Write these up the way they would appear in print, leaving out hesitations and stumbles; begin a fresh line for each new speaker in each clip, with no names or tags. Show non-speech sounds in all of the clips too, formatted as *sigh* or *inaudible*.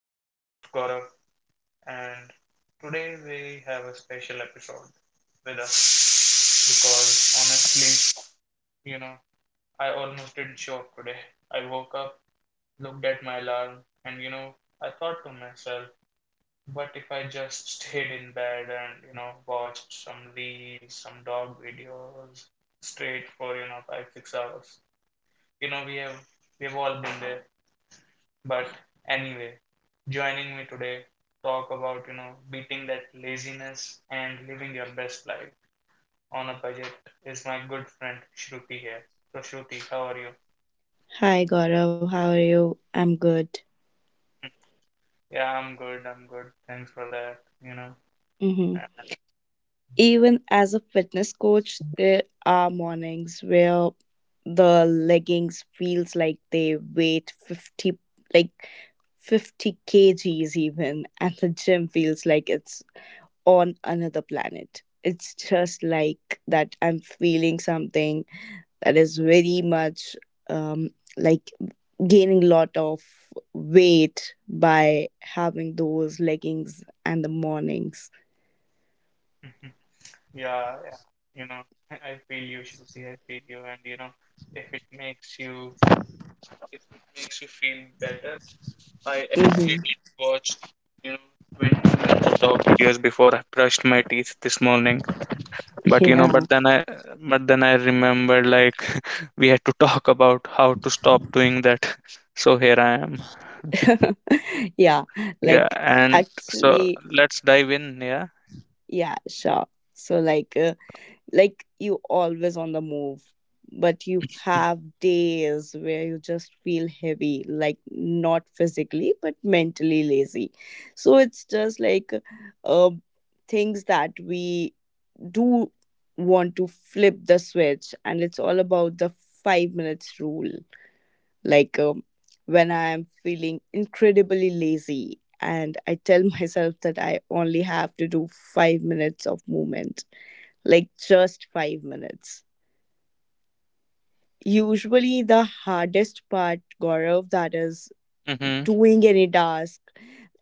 I'm your host Gaurav, and today we have a special episode with us because honestly, you know, I almost didn't show up today. I woke up, looked at my alarm, and I thought to myself, what if I just stayed in bed and watched some reels, some dog videos straight for 5, 6 hours? You know, we have we've all been there. But anyway, joining me today talk about, beating that laziness and living your best life on a budget is my good friend Shruti here. So Shruti, how are you?
Hi Gaurav, how are you? I'm good.
Yeah, I'm good. I'm good. Thanks for that, you know.
Hmm. Even as a fitness coach, there are mornings where the leggings feels like they weigh 50, like, 50 kgs even, and the gym feels like it's on another planet. It's just like that I'm feeling something that is very much, um like, gaining lot of weight by having those leggings and the mornings.
*laughs* Yeah, yeah, you know, *laughs* I feel you, Shruti. I feel you and if it makes you if it makes you feel better, I actually
Mm-hmm.
did watch, 20 minutes of videos before I brushed my teeth this morning. But
Yeah.
then I remembered, like, *laughs* we had to talk about how to stop doing that. *laughs* So here I am.
*laughs* Yeah.
Yeah.
Like,
And so
actually.
let's dive in. Yeah.
Yeah, sure. So, like, you always on the move, but you have days where you just feel heavy, like not physically but mentally lazy. So it's just like, uh, things that we do want to flip the switch, and it's all about the 5 minutes rule. Like, when I'm feeling incredibly lazy, and I tell *laughs* myself that I only have to do 5 minutes of movement, like just 5 minutes. Usually, the hardest part, Gaurav, that is
Hmm.
doing any task,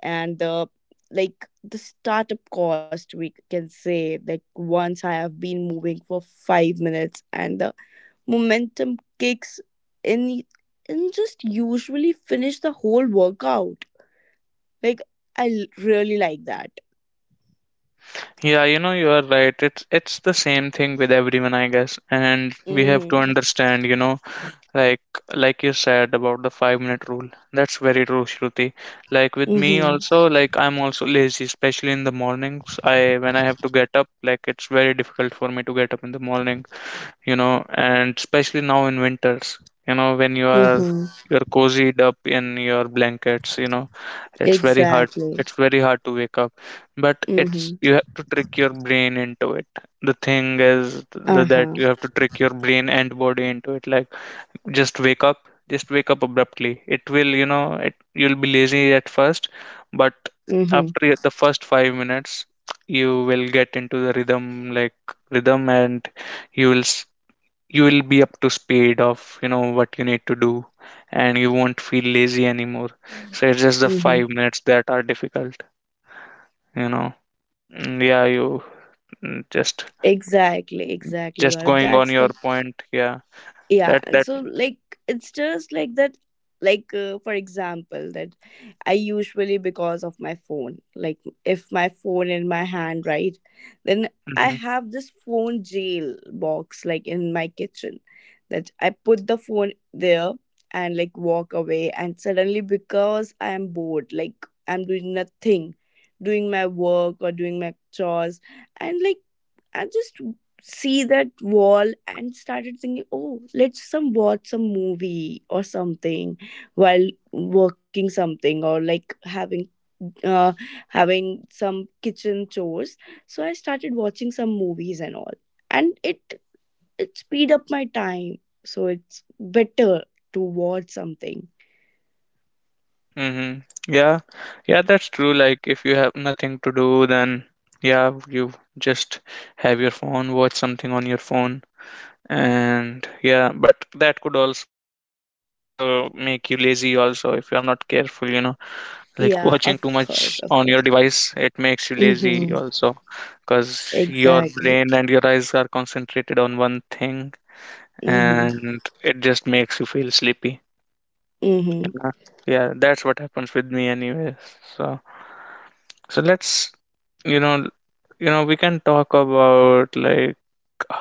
and the startup cost we can say. Like, once I have been moving for 5 minutes and the momentum kicks in, and just usually finish the whole workout. Like, I really like that.
Yeah, you are right. It's the same thing with everyone, I guess. And we have to
Mhm.
understand, like you said about the 5-minute rule. That's very true, Shruti. Like with me
Mhm.
also, like I'm also lazy, especially in the mornings. I When I have to get up, like it's very difficult for me to get up in the morning. And especially now in winters, when you are
Mhm.
you're cozied up in your blankets, it's very hard.
Exactly.
It's very hard to wake up, but it's
Mhm.
you have to trick your brain into it. The thing is that
Uh-huh.
you have to trick your brain and body into it. Like just wake up, just wake up abruptly. It will, it you'll be lazy at first, but
Mhm.
after the first 5 minutes, you will get into the rhythm, and you will s- you will be up to speed of what you need to do, and you won't feel lazy anymore. So it's just the five
Mhm.
minutes that are difficult you know yeah. Mm, just
Exactly, exactly,
just
Gaurav.
going on
That's
your
the
point. Yeah.
Yeah.
That.
So, like, it's just like that, like, for example, that I usually, because of my phone, like, if my phone in my hand, right? Then I
Hmm.
have this phone jail box, like, in my kitchen, that I put the phone there, and like, walk away. And suddenly, because I am bored, like, I'm doing nothing, doing my work or doing my chores. And like, I just see that wall and started thinking, oh, let's some watch some movie or something while working something, or like uh having some kitchen chores. So I started watching some movies and all, and it speed up my time. So it's better to watch something.
Hmm. Yeah, yeah, that's true. Like if you have nothing to do, then, yeah, you just have your phone, watch something on your phone. And, yeah, but that could also make you lazy also if you're not careful. Like watching too much
Yeah, of
on your
course, of
device,
course.
it makes you lazy
Mm-hmm.
also because your brain
Exactly.
and your eyes are concentrated on one thing,
Mm-hmm.
and it just makes you feel sleepy, you
Mm-hmm.
know? Yeah, that's what happens with me anyways. So let's you know you know we can talk about, like,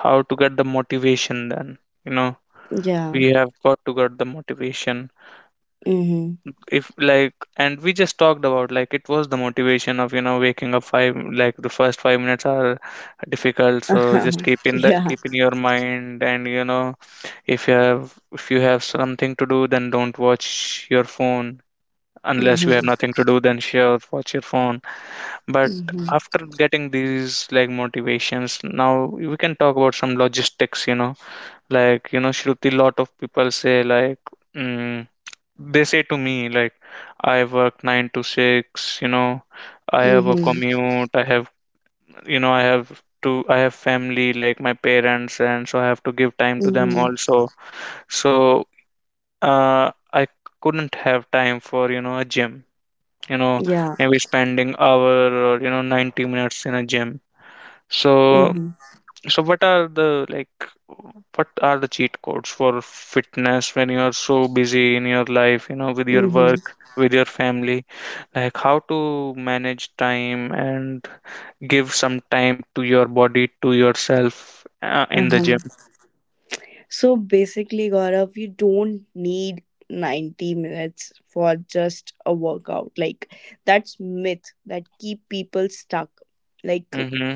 how to get the motivation. Then you know
Yeah.
we have got to get the motivation.
Mm-hmm.
If, like, and we just talked about, like, it was the motivation of waking up five, like the first 5 minutes are difficult, so just keep
*laughs*
in the
Yeah.
keep in your mind. And if you have something to do, then don't watch your phone. Unless you have
Mhm.
nothing to do, then sure, watch your phone. But
Mhm.
after getting these, like, motivations, now we can talk about some logistics. Like, Shruti, lot of people say like, mm, they say to me like I work 9 to 6. I have a
Mhm.
commute. I have you know I have to I have family, like my parents, and so I have to give time to them
Mhm.
also. So I couldn't have time for a gym, you know
Yeah.
maybe spending hour or 90 minutes in a gym. So
Mhm.
so what are the like what are the cheat codes for fitness when you are so busy in your life, with your
Mhm.
work, with your family? Like how to manage time and give some time to your body, to yourself, in the
Uh-huh.
gym.
So basically, Gaurav, you don't need 90 minutes for just a workout. Like, that's myth that keep people stuck. Like
Mm-hmm.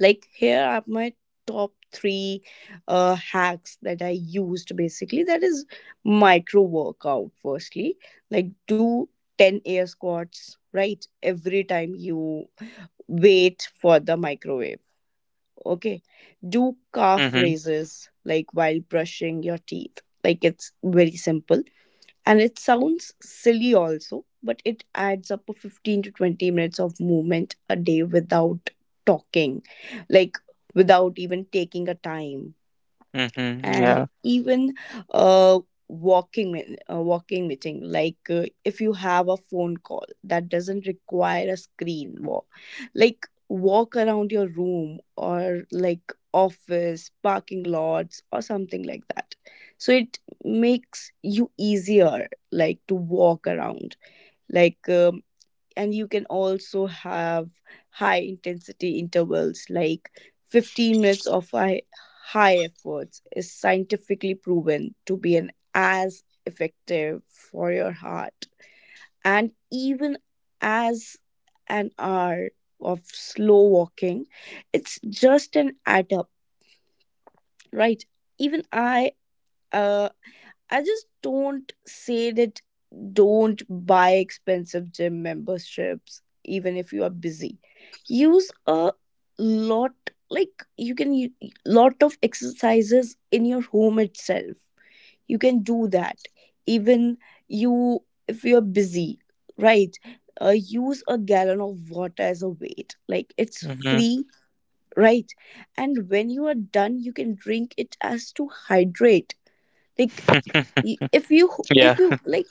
like, here are my top three hacks that I used basically. That is micro workout firstly. Like, do 10 air squats, right? Every time you wait for the microwave, okay, do calf
Mm-hmm.
raises, like, while brushing your teeth. Like, it's very simple, and it sounds silly also, but it adds up to 15 to 20 minutes of movement a day without talking, like without even taking a time.
Mm-hmm.
And
Yeah.
even, uh, walking meeting. Like, if you have a phone call that doesn't require a screen, walk, like, walk around your room or like office parking lots or something like that. So it makes you easier, like, to walk around. Like, and you can also have high intensity intervals, like 15 minutes of high, high efforts is scientifically proven to be an as effective for your heart, and even as an hour of slow walking. It's just an add up, right? Even uh, I just don't say that don't buy expensive gym memberships even if you are busy. Use a lot, like, you can lot of exercises in your home itself. You can do that, even you, if you're busy, right? Use a gallon of water as a weight. Like, it's
Mm-hmm.
free, right? And when you are done, you can drink it as to hydrate. Like, if
*laughs*
if
Yeah.
you like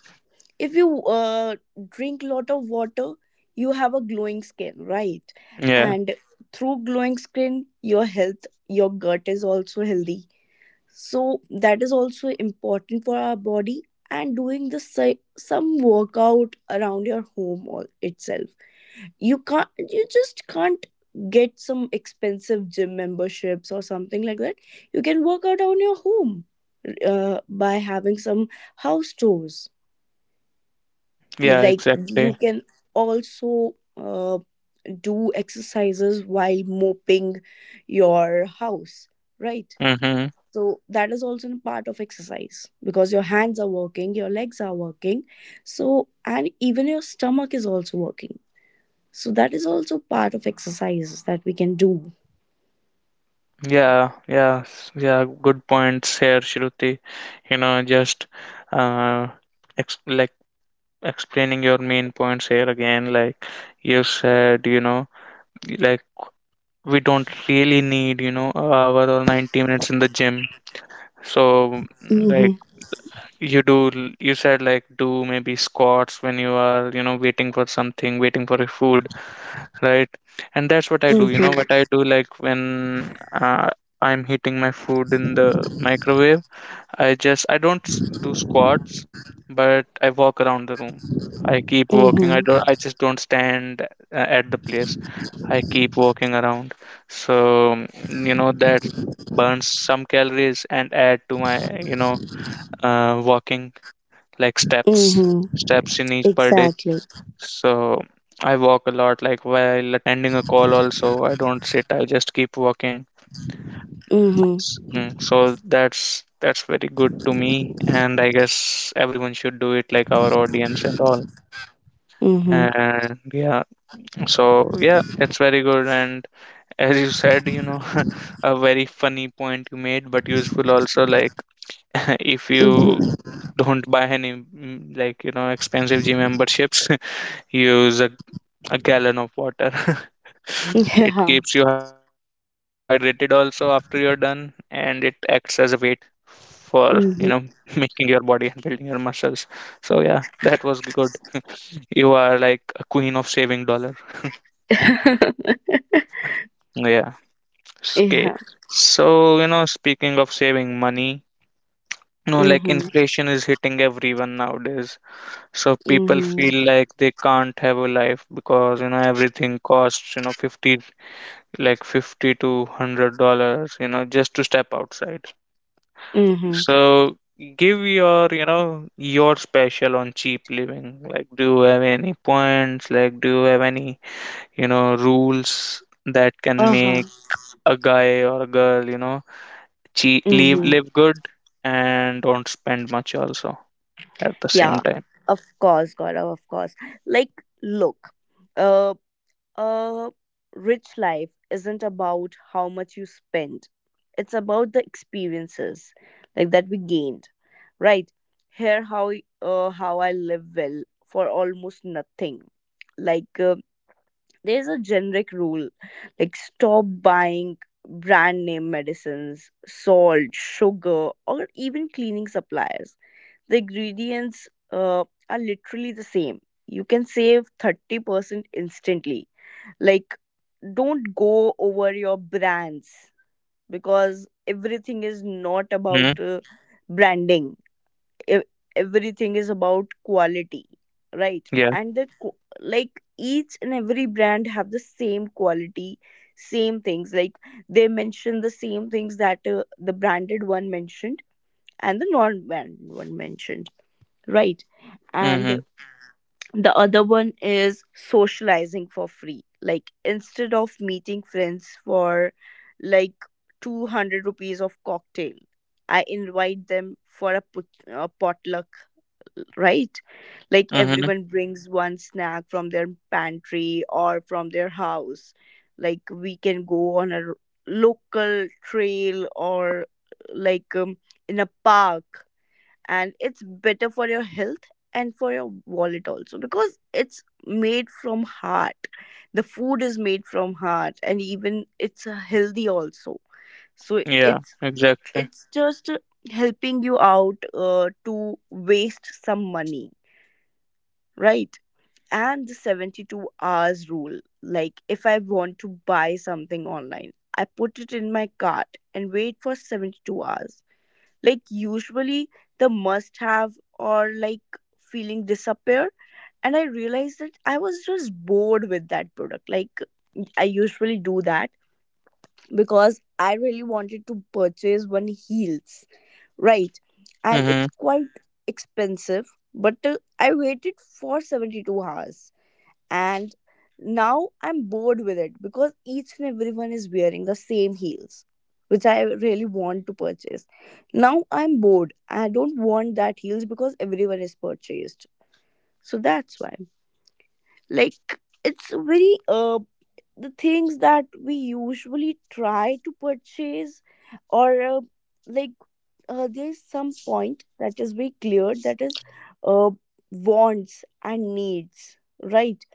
you drink lot of water, you have a glowing skin, right?
Yeah.
And through glowing skin, your health, your gut is also healthy. So that is also important for our body. And doing the some workout around your home all itself, you just can't get some expensive gym memberships or something like that. You can work out on your home by having some house chores.
Yeah,
Like, you
exactly.
can also do exercises while moping your house, right?
Mm-hmm.
So that is also a part of exercise, because your hands are working, your legs are working. So, and even your stomach is also working. So that is also part of exercises that we can do.
Yeah, yeah, yeah. Good points here, Shruti. You know, just uh, ex like explaining your main points here again. Like you said, like we don't really need, an hour or 90 minutes in the gym. So, like,
Mm-hmm.
you do you said like do maybe squats when you are waiting for a food, right? And that's what I do. You know what I
Mm-hmm.
do? Like when I'm heating my food in the microwave, I don't do squats, but I walk around the room. I keep walking. i
Mm-hmm.
don't i just don't stand, at the place. I keep walking around. So that burns some calories and add to my walking, like steps
Mm-hmm.
steps in each per day.
Exactly.
So I walk a lot, like while attending a call also, I don't sit, I just keep walking.
Mm-hmm.
So that's very good to me, and I guess everyone should do it, like our audience and all.
Mm-hmm.
And, yeah. So, yeah, it's very good. And as you said, *laughs* a very funny point you made but useful also, like, *laughs* if you
Mm-hmm.
don't buy any, like, expensive gym memberships, *laughs* use a gallon of water. *laughs* It
Yeah.
keeps you hydrated also after you're done, and it acts as a weight for, *laughs*
Mm-hmm.
making your body and building your muscles. So yeah, that was good. You are like a queen of saving dollar.
*laughs*
Yeah. Okay.
Yeah.
So, speaking of saving money, like
Mm-hmm.
inflation is hitting everyone nowadays. So people
Mm-hmm.
feel like they can't have a life because, everything costs, 50, like, 50 to $100 just to step outside.
Mm-hmm.
So give your your special on cheap living, like do you have any points like do you have any rules that can
Uh-huh.
make a guy or a girl, cheap, live
Mm-hmm.
live good, and don't spend much also at the same
Yeah.
time.
Of course, Gaurav, of course. Like, look. Uh. A rich life isn't about how much you spend, it's about the experiences, like, that we gained, right? Here, how I live well for almost nothing. Like, there's a generic rule. Like, stop buying brand name medicines, salt, sugar, or even cleaning supplies. The ingredients, are literally the same. You can save 30% instantly. Like, don't go over your brands, because everything is not
Mm-hmm.
about, branding. E- Everything is about quality, right?
Yeah.
And that, like, each and every brand have the same quality, same things, like, they mention the same things that, the branded one mentioned and the non-brand one mentioned, right?
Mm-hmm.
And the other one is socializing for free. Like, instead of meeting friends for, like, 200 rupees of cocktail, I invite them for a, put, a potluck, right? Like,
Mm-hmm.
everyone brings one snack from their pantry or from their house. Like, we can go on a local trail or like, in a park, and it's better for your health and for your wallet also, because it's made from heart, the food is made from heart, and even it's, healthy also. So
Yeah,
it's
exactly.
it's just, helping you out, to waste some money, right? And the 72 hours rule, like, if I want to buy something online, I put it in my cart and wait for 72 hours. Like, usually the must have or like feeling disappear, and I realized that I was just bored with that product. Like, I usually do that, because I really wanted to purchase one heels, right? And
Mm-hmm.
it's quite expensive, but I waited for 72 hours, and now I'm bored with it, because each and everyone is wearing the same heels, which I really want to purchase. Now I'm bored. I don't want that heels because everyone is purchased. So that's why. Like, it's very the things that we usually try to purchase, or like there's some point that is very clear, that is uh wants and needs, right?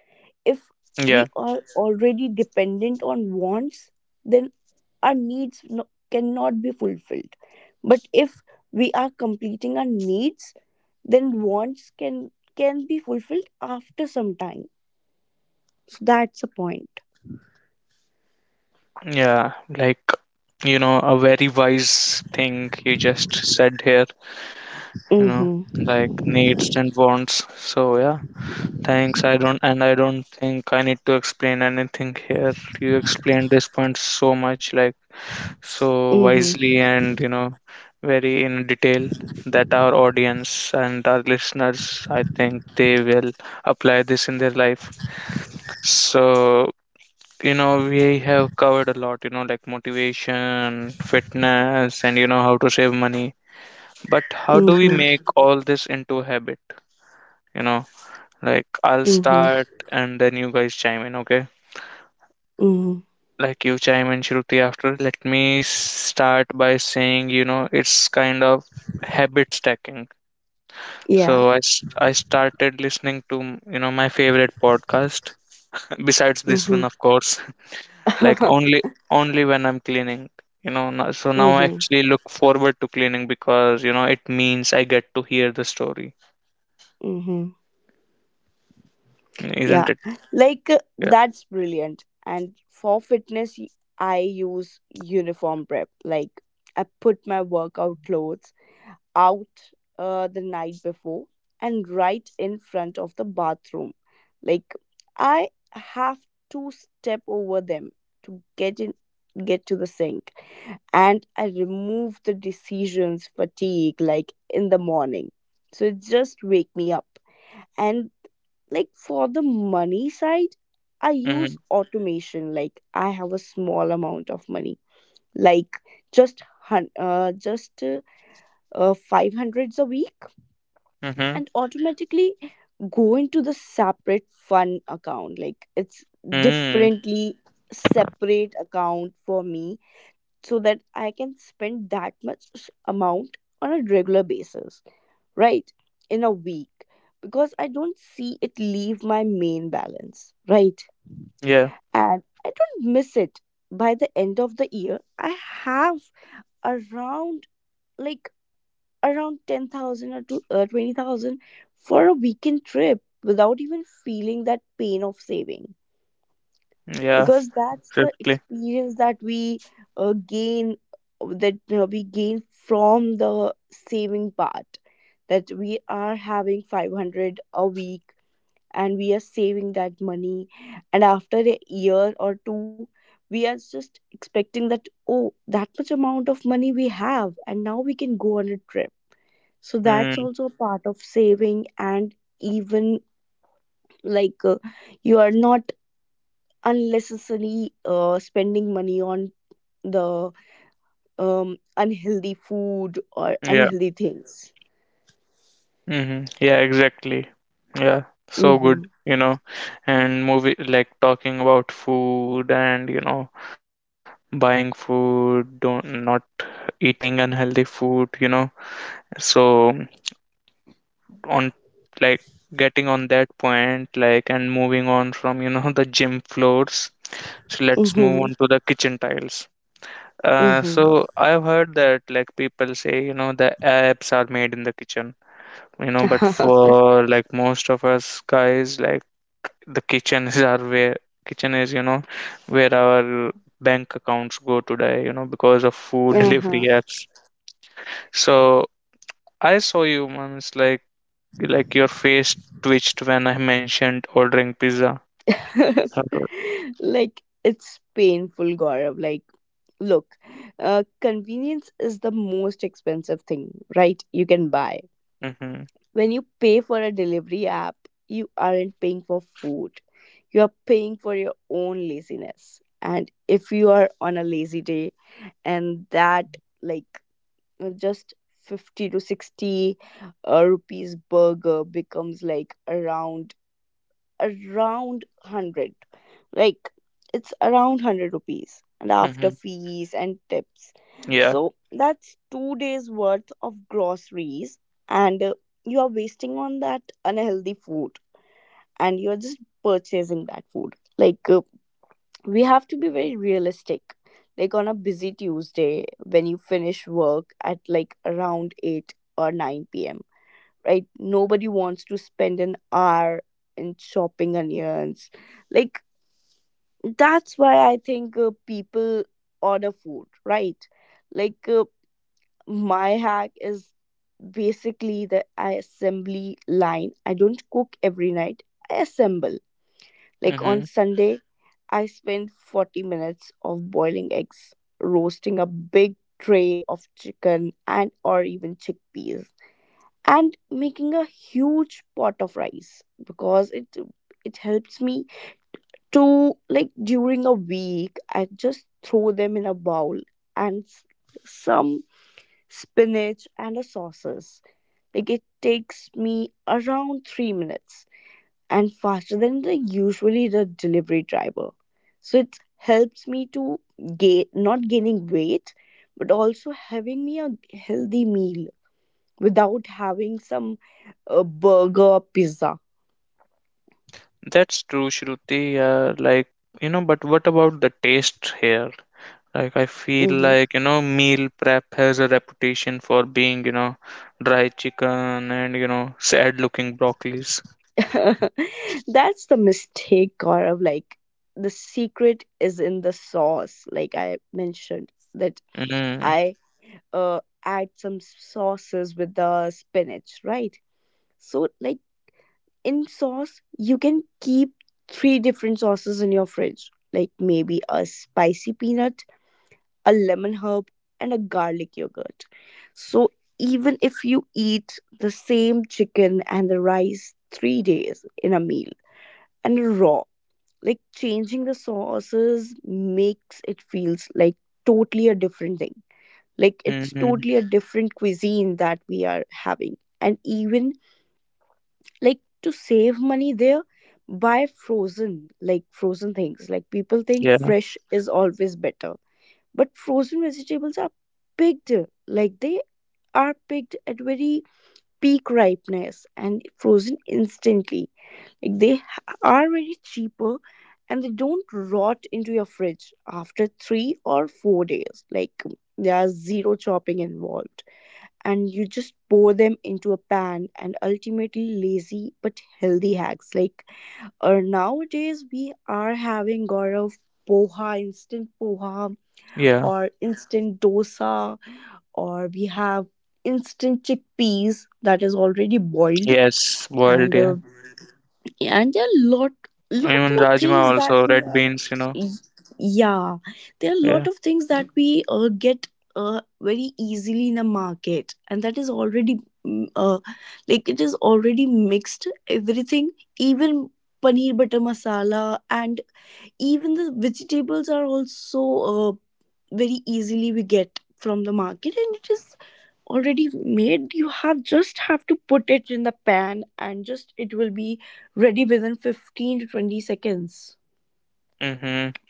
If we
Yeah.
are already dependent on wants, then our needs, no, cannot be fulfilled. But if we are completing our needs, then wants can be fulfilled after some time. So that's the point.
Yeah, like, a very wise thing you just said here, you know,
Mm-hmm.
like needs and wants. So, yeah, thanks. I don't think I need to explain anything here. You explained this point so much, like, so
Mm-hmm.
wisely and, very in detail that our audience and our listeners, I think they will apply this in their life. So, we have covered a lot, like motivation, fitness, and how to save money. But how do we
Mm-hmm.
make all this into a habit you know like I'll
Mm-hmm.
start and then you guys chime in, okay?
Mm-hmm.
Like you chime in, Shruti, after. Let me start by saying, it's kind of habit stacking. So
Yeah.
I started listening to my favorite podcast *laughs* besides this one,
Mm-hmm.
of course, like
*laughs*
only when I'm cleaning. So now I
Mm-hmm.
actually look forward to cleaning because it means I get to hear the story,
Mm-hmm.
isn't
Yeah,
it?
like,
Yeah.
that's brilliant. And for fitness, I use uniform prep. Like, I put my workout clothes out, the night before, and right in front of the bathroom. Like, I have to step over them to get to the sink, and I remove the decisions fatigue, like, in the morning. So it just wake me up. And like, for the money side, I
Mm-hmm.
use automation. Like, I have a small amount of money, like, just 500s a week,
Mm-hmm.
and automatically go into the separate fund account. Like, it's
Mm.
differently separate account for me, so that I can spend that much amount on a regular basis, right, in a week, because I don't see it leave my main balance, right?
Yeah.
And I don't miss it. By the end of the year, I have around, like 10,000 or to, 20,000 for a weekend trip without even feeling that pain of saving,
Yeah.
because that's the
Exactly.
experience that we, gain, that, we gain from the saving part, that we are having 500 a week and we are saving that money. And after a year or two, we are just expecting that, oh, that much amount of money we have, and now we can go on a trip. So that's
Mm.
also a part of saving. And even, like, you are not unnecessarily, spending money on the, unhealthy food or
Yeah.
unhealthy things.
Mm-hmm. Yeah. Exactly. Yeah. So
Mm-hmm.
good, you know. And movie, like, talking about food and buying food, don't not eating unhealthy food. So on, like, getting on that point, like, and moving on from *laughs* the gym floors, so let's move
Mm-hmm.
on to the kitchen tiles. So I've heard that like people say, the apps are made in the kitchen, but
Mm-hmm.
for like most of us guys, like the kitchen is our where kitchen is, you know, where our bank accounts go today, because of food *laughs*
*laughs* Uh-huh.
delivery apps. So I saw you once, like, your face twitched when I mentioned ordering pizza.
*laughs* Like, it's painful, Gaurav. Like, look, convenience is the most expensive thing, right? You can buy
Mm-hmm.
when you pay for a delivery app, you aren't paying for food, you are paying for your own laziness. And if you are on a lazy day, and that, like, just 50 to 60, rupees burger becomes like around 100. Like, it's around 100 rupees and after
Mm-hmm.
fees and tips.
Yeah.
So that's 2 days worth of groceries, and you are wasting on that unhealthy food, and you're just purchasing that food. Like, we have to be very realistic. Like, on a busy Tuesday when you finish work at like around 8 or 9 p.m., right? Nobody wants to spend an hour in chopping onions. Like, that's why I think people order food, right? Like, uh, my hack is basically the assembly line. I don't cook every night, I assemble. Like, on
Mm-hmm.
Sunday, I spend 40 minutes of boiling eggs, roasting a big tray of chicken and or even chickpeas and making a huge pot of rice because it helps me to, like, during a week I just throw them in a bowl and some spinach and a sauces. Like it takes me around 3 minutes and faster than the usually the delivery driver, so it helps me to gain, not gaining weight, but also having me a healthy meal without having some burger or pizza.
That's true, Shruti. Like, but what about the taste here? Like, I feel
Mhm.
like, meal prep has a reputation for being, dry chicken and, sad looking broccolis.
*laughs* That's the mistake, Gaurav. Like, the secret is in the sauce. Like I mentioned, that
Mm-hmm.
I add some sauces with the spinach, right? So, like, in sauce, you can keep three different sauces in your fridge. Like, maybe a spicy peanut, a lemon herb, and a garlic yogurt. So even if you eat the same chicken and the rice 3 days in a meal and raw, like changing the sauces makes it feels like totally a different thing. Like it's
Mm-hmm.
totally a different cuisine that we are having. And even like to save money there, buy frozen, like frozen things. Like people think
Yeah.
fresh is always better but frozen vegetables are picked, like they are picked at very peak ripeness and frozen instantly. Like they are very cheaper and they don't rot into your fridge after 3 or 4 days. Like there's zero chopping involved. And you just pour them into a pan and ultimately lazy but healthy hacks. Like nowadays we are having, Gaurav, poha, instant poha,
Yeah.
or instant dosa, or we have instant chickpeas that is already boiled
Yes. Boiled.
and
Yeah.
and there are lot
Even
more
rajma
things that
also,
we
red
are.
beans.
Yeah, there are a lot
Yeah.
of things that we get very easily in the market and that is already mm, uh, like it is already mixed everything, even paneer butter masala, and even the vegetables are also very easily we get from the market and it is already made. You have just have to put it in the pan and just it will be ready within 15 to 20 seconds.
Mm-hmm.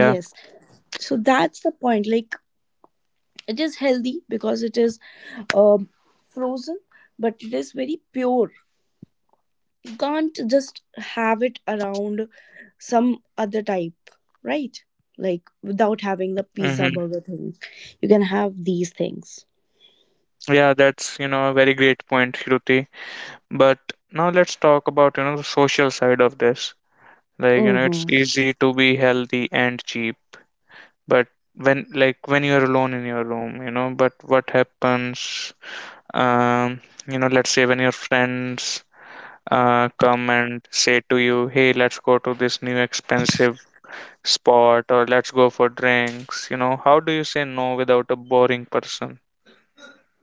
Yeah.
so that's the point, like it is healthy because it is um frozen but it is very pure. Can't just have it around some other type, right? Like
Mm-hmm.
without having the pizza burger thing. You can have these things.
Yeah, that's, a very great point, Shruti. But now let's talk about, the social side of this. Like, you know, it's
Mm-hmm.
easy to be healthy and cheap, but when you're alone in your room, you know, but what happens, um, you know, let's say when your friends come and say to you, hey, let's go to this new expensive spot, or let's go for drinks. You know, how do you say no without a boring person?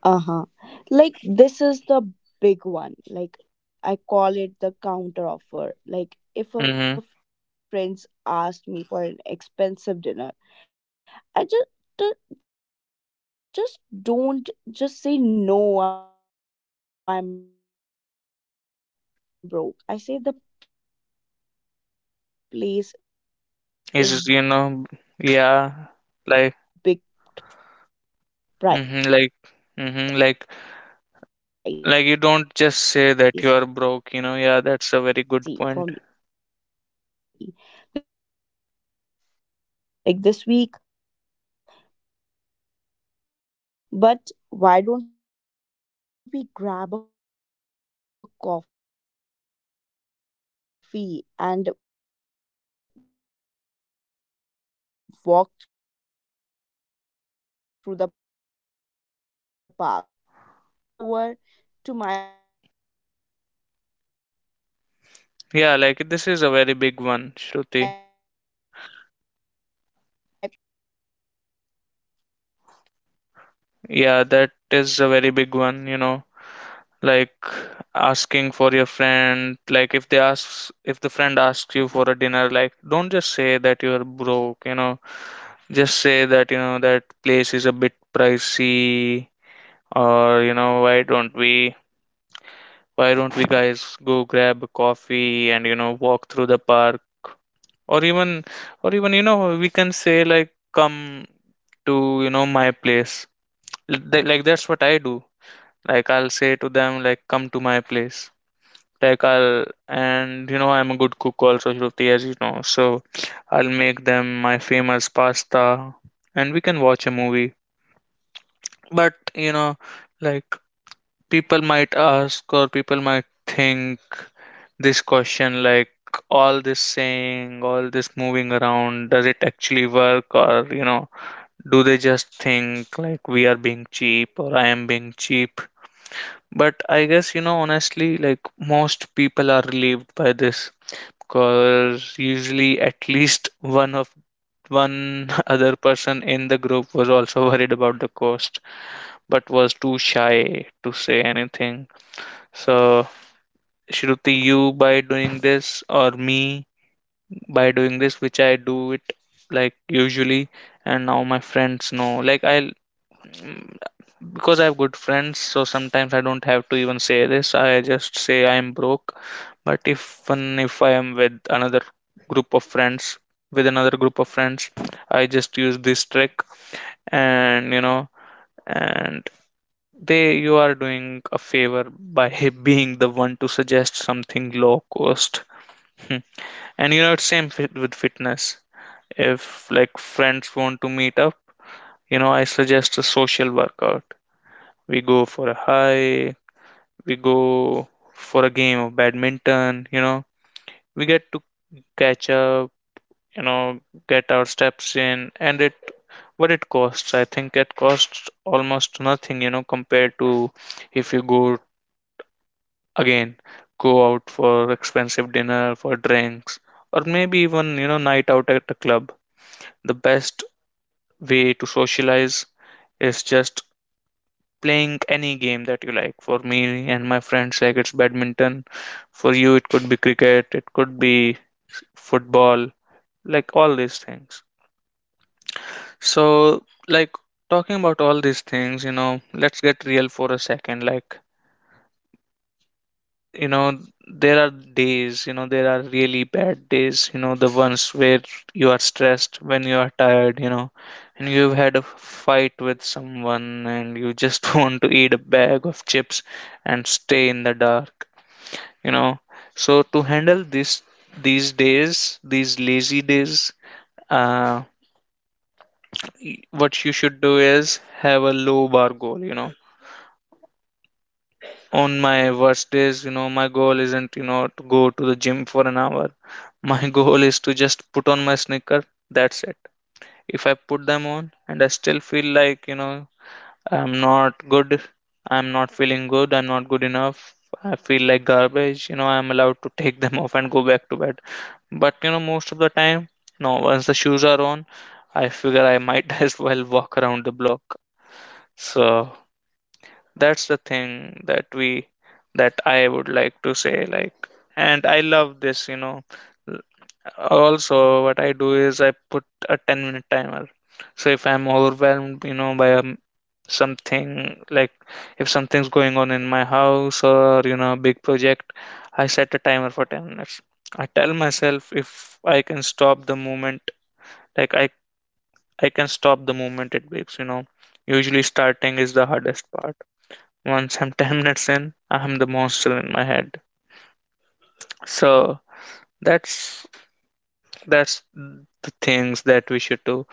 Uh-huh. Like this is the big one. Like
Mm-hmm.
I call it the counter offer. Like if a friend's asked me for an expensive dinner, I just
Is, you
just
know, yeah.
don't
Like,
just say
hmm
no
like
I'm
hmm like
broke. I say
like, you
the
don't just say that you
place
are broke, you know.
is
Yeah, that's a very
big
good point.
pricey for me. Like this week, but why don't we grab a
Yeah, you know, that's
coffee
a very good point that you
and
put here,
walk through the park
Shruti.
or
Like,
come over to
you
my
just don't.
place? Yeah, that's the excuses that we made, but we can't
Yeah,
say
like
that
this is
no
a
I'm
very big
broke.
one, Shruti.
Yeah, exactly. And even I call my friends
Yeah,
that
that
come
is a
over to
very
my
big one, you
place.
know.
I make some
Like,
famous
asking for
pasta
your
and we can watch
friend
a
like if
movie.
they asks if
So
the
that
friend
is also
asks you for a
sounds
dinner,
very
like, don't just say that you're
clinch, but
broke, you
yeah,
know.
I
Just
usually
say
do
that, you
that
know, that place is a
*laughs*
bit
if I am broke.
pricey, or, you know, why don't we guys go grab a
Yeah, so
coffee and, you
that's the
know, walk
point.
through the park. or even or even, you know, we can say like, come to,
Mm-hmm.
you know, my place.
Mm-hmm.
Like, that's what I do. Like, I'll say to them, like, come
Like
to my place.
honestly, Gaurav,
like I'll
if I say
and you know,
that
I'm a good cook
most
also,
people
Shruti, as you
are
know. So
relieved,
I'll
like
make
usually
them
at
my
least
famous
one
pasta,
another,
and we
like
can watch a
person
movie.
in the group was
But
also
you
worried
know,
about the
like,
cost,
people
but
might ask or
was
people
too
might
shy to
think
say anything. Like
this
you
question, like,
actually doing
all this
everyone's a
saying, all
favor
this moving
by
around,
being
does it
one of the
actually
most
work? Or,
suggested
you know,
something low
do they
cost.
just think like we are being
And it
cheap,
is
or I am
same
being
with the
cheap?
fitness.
But I guess, you know, honestly, like most
Usually
people are relieved by this, because usually at least one other person in the group was also *laughs* worried about the cost but was too shy to say anything. So, Shruti, you by doing this, or me by doing this, which I do it, like, usually, and now my friends know like, I Mm, because I have good friends, so sometimes I don't have to even say this. I
like
just say
friends
I am broke.
usually do it a
But if
lot, like
when if I am with
every
another group
time
of
when
friends,
or when I
group of
see
friends, I
that
just use
people are
this trick,
broke but they can't say
and you
the
know,
things, so
and
it might will
they, you are doing
do
a
it the
favor
same thing.
by *laughs* being the one to suggest something low
And
cost.
even like
Hmm.
we can
And you
say
know, it's
that
same fit with fitness.
like uh,
If like friends want to
uh,
meet up,
like
you know, I
in the
suggest a
same with
social
fitness,
workout.
like if our
We
friends
go
want to
for a
meet up
hike,
I suggest a
we
social
go
workout,
for a
like
game
we
of
go for a
badminton, you
hike
know,
or play a
we
game
get to
of
catch
badminton.
up,
You
you
get
know,
to
get our steps
check
in,
up
and it
and you
what it
get
costs.
your
I think it
steps in
costs
and it
almost
costs
nothing, you know,
almost
compared to
nothing
if
as
you go
compared to the night out at a
again,
club.
go out
Like it's
for
just a
expensive
part of
dinner, for
it and
drinks,
it's
or
quite
maybe even, you know,
revealing,
night out
like
at a
you
club.
can have
The
that
best
and
way to
are enjoying
socialize
the
is just
atmosphere outside
playing
also
any
and
game
you
that
are
you like.
even
For me
enjoying
and
the
my friends, like,
place
it's badminton. For you, it could be cricket, it could be
that is very much
football,
important in our
like
life
all these
and
things.
even for our own health.
So, like, talking about all these things, you know, let's get real for a second. Like, you know, there are days, you know, there are really bad days, you know, the ones where you are stressed, when you are tired, you know, and you've had a fight with someone and you just *laughs* want to eat a bag of chips and stay in the dark, you know. So to handle this, these days, these lazy days, uh, what you should do is have a low bar goal, you know. On my worst days, you know, my goal isn't, you know, to go to the gym for an hour. My *laughs* goal is to just put on my sneaker. That's it. If I put them on and I still feel like, you know, i'm not good I'm not feeling good, I'm not good enough, I feel like garbage, you know, I'm allowed to take them *laughs* off and go back to bed. But you know, most of the time, no, once the shoes are on, I figure I might *laughs* as well walk around the block. So that's the thing that we that I would like to say, like, and I love this, you know. Also, what I do is I put a 10-minute timer. So if I'm overwhelmed, you know, by something, like, if something's going on in my house, or you know, a big project, I set a timer for 10 minutes. I tell myself if I can stop the moment, like I I can stop the moment it beeps, you know. Usually starting is the hardest part. Once I'm *laughs* 10 minutes in, I'm the monster in my head. So that's that's the things that we should do,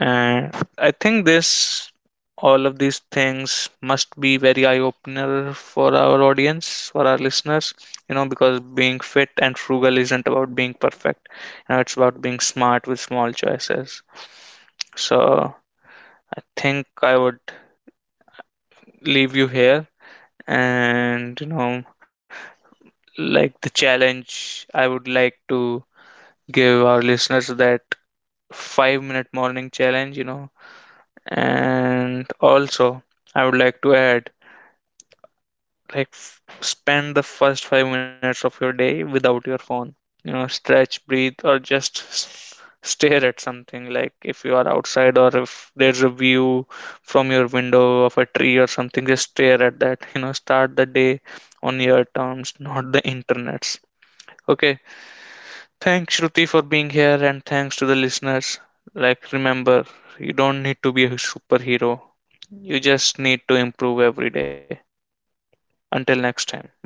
and I think this, all of these things must be very eye opener for our audience, for our listeners, you know, because being fit and frugal isn't about being perfect, you know, it's about being smart with small choices. So I think I would leave you here, and you know, like, the challenge I would like to give our listeners, that 5-minute morning challenge, you know. And also, I would like to add, like, spend the first 5 minutes of your day without your phone. You know, stretch, breathe, or just stare at something. Like, if you are outside, or if there's a view from your window of a tree or something, just stare at that. You know, start the day on your terms, not the internet's. Okay, thanks, Shruti, for being here, and thanks to the listeners. Like, remember, you don't need to be a superhero, you just need to improve every day. Until next time, bye.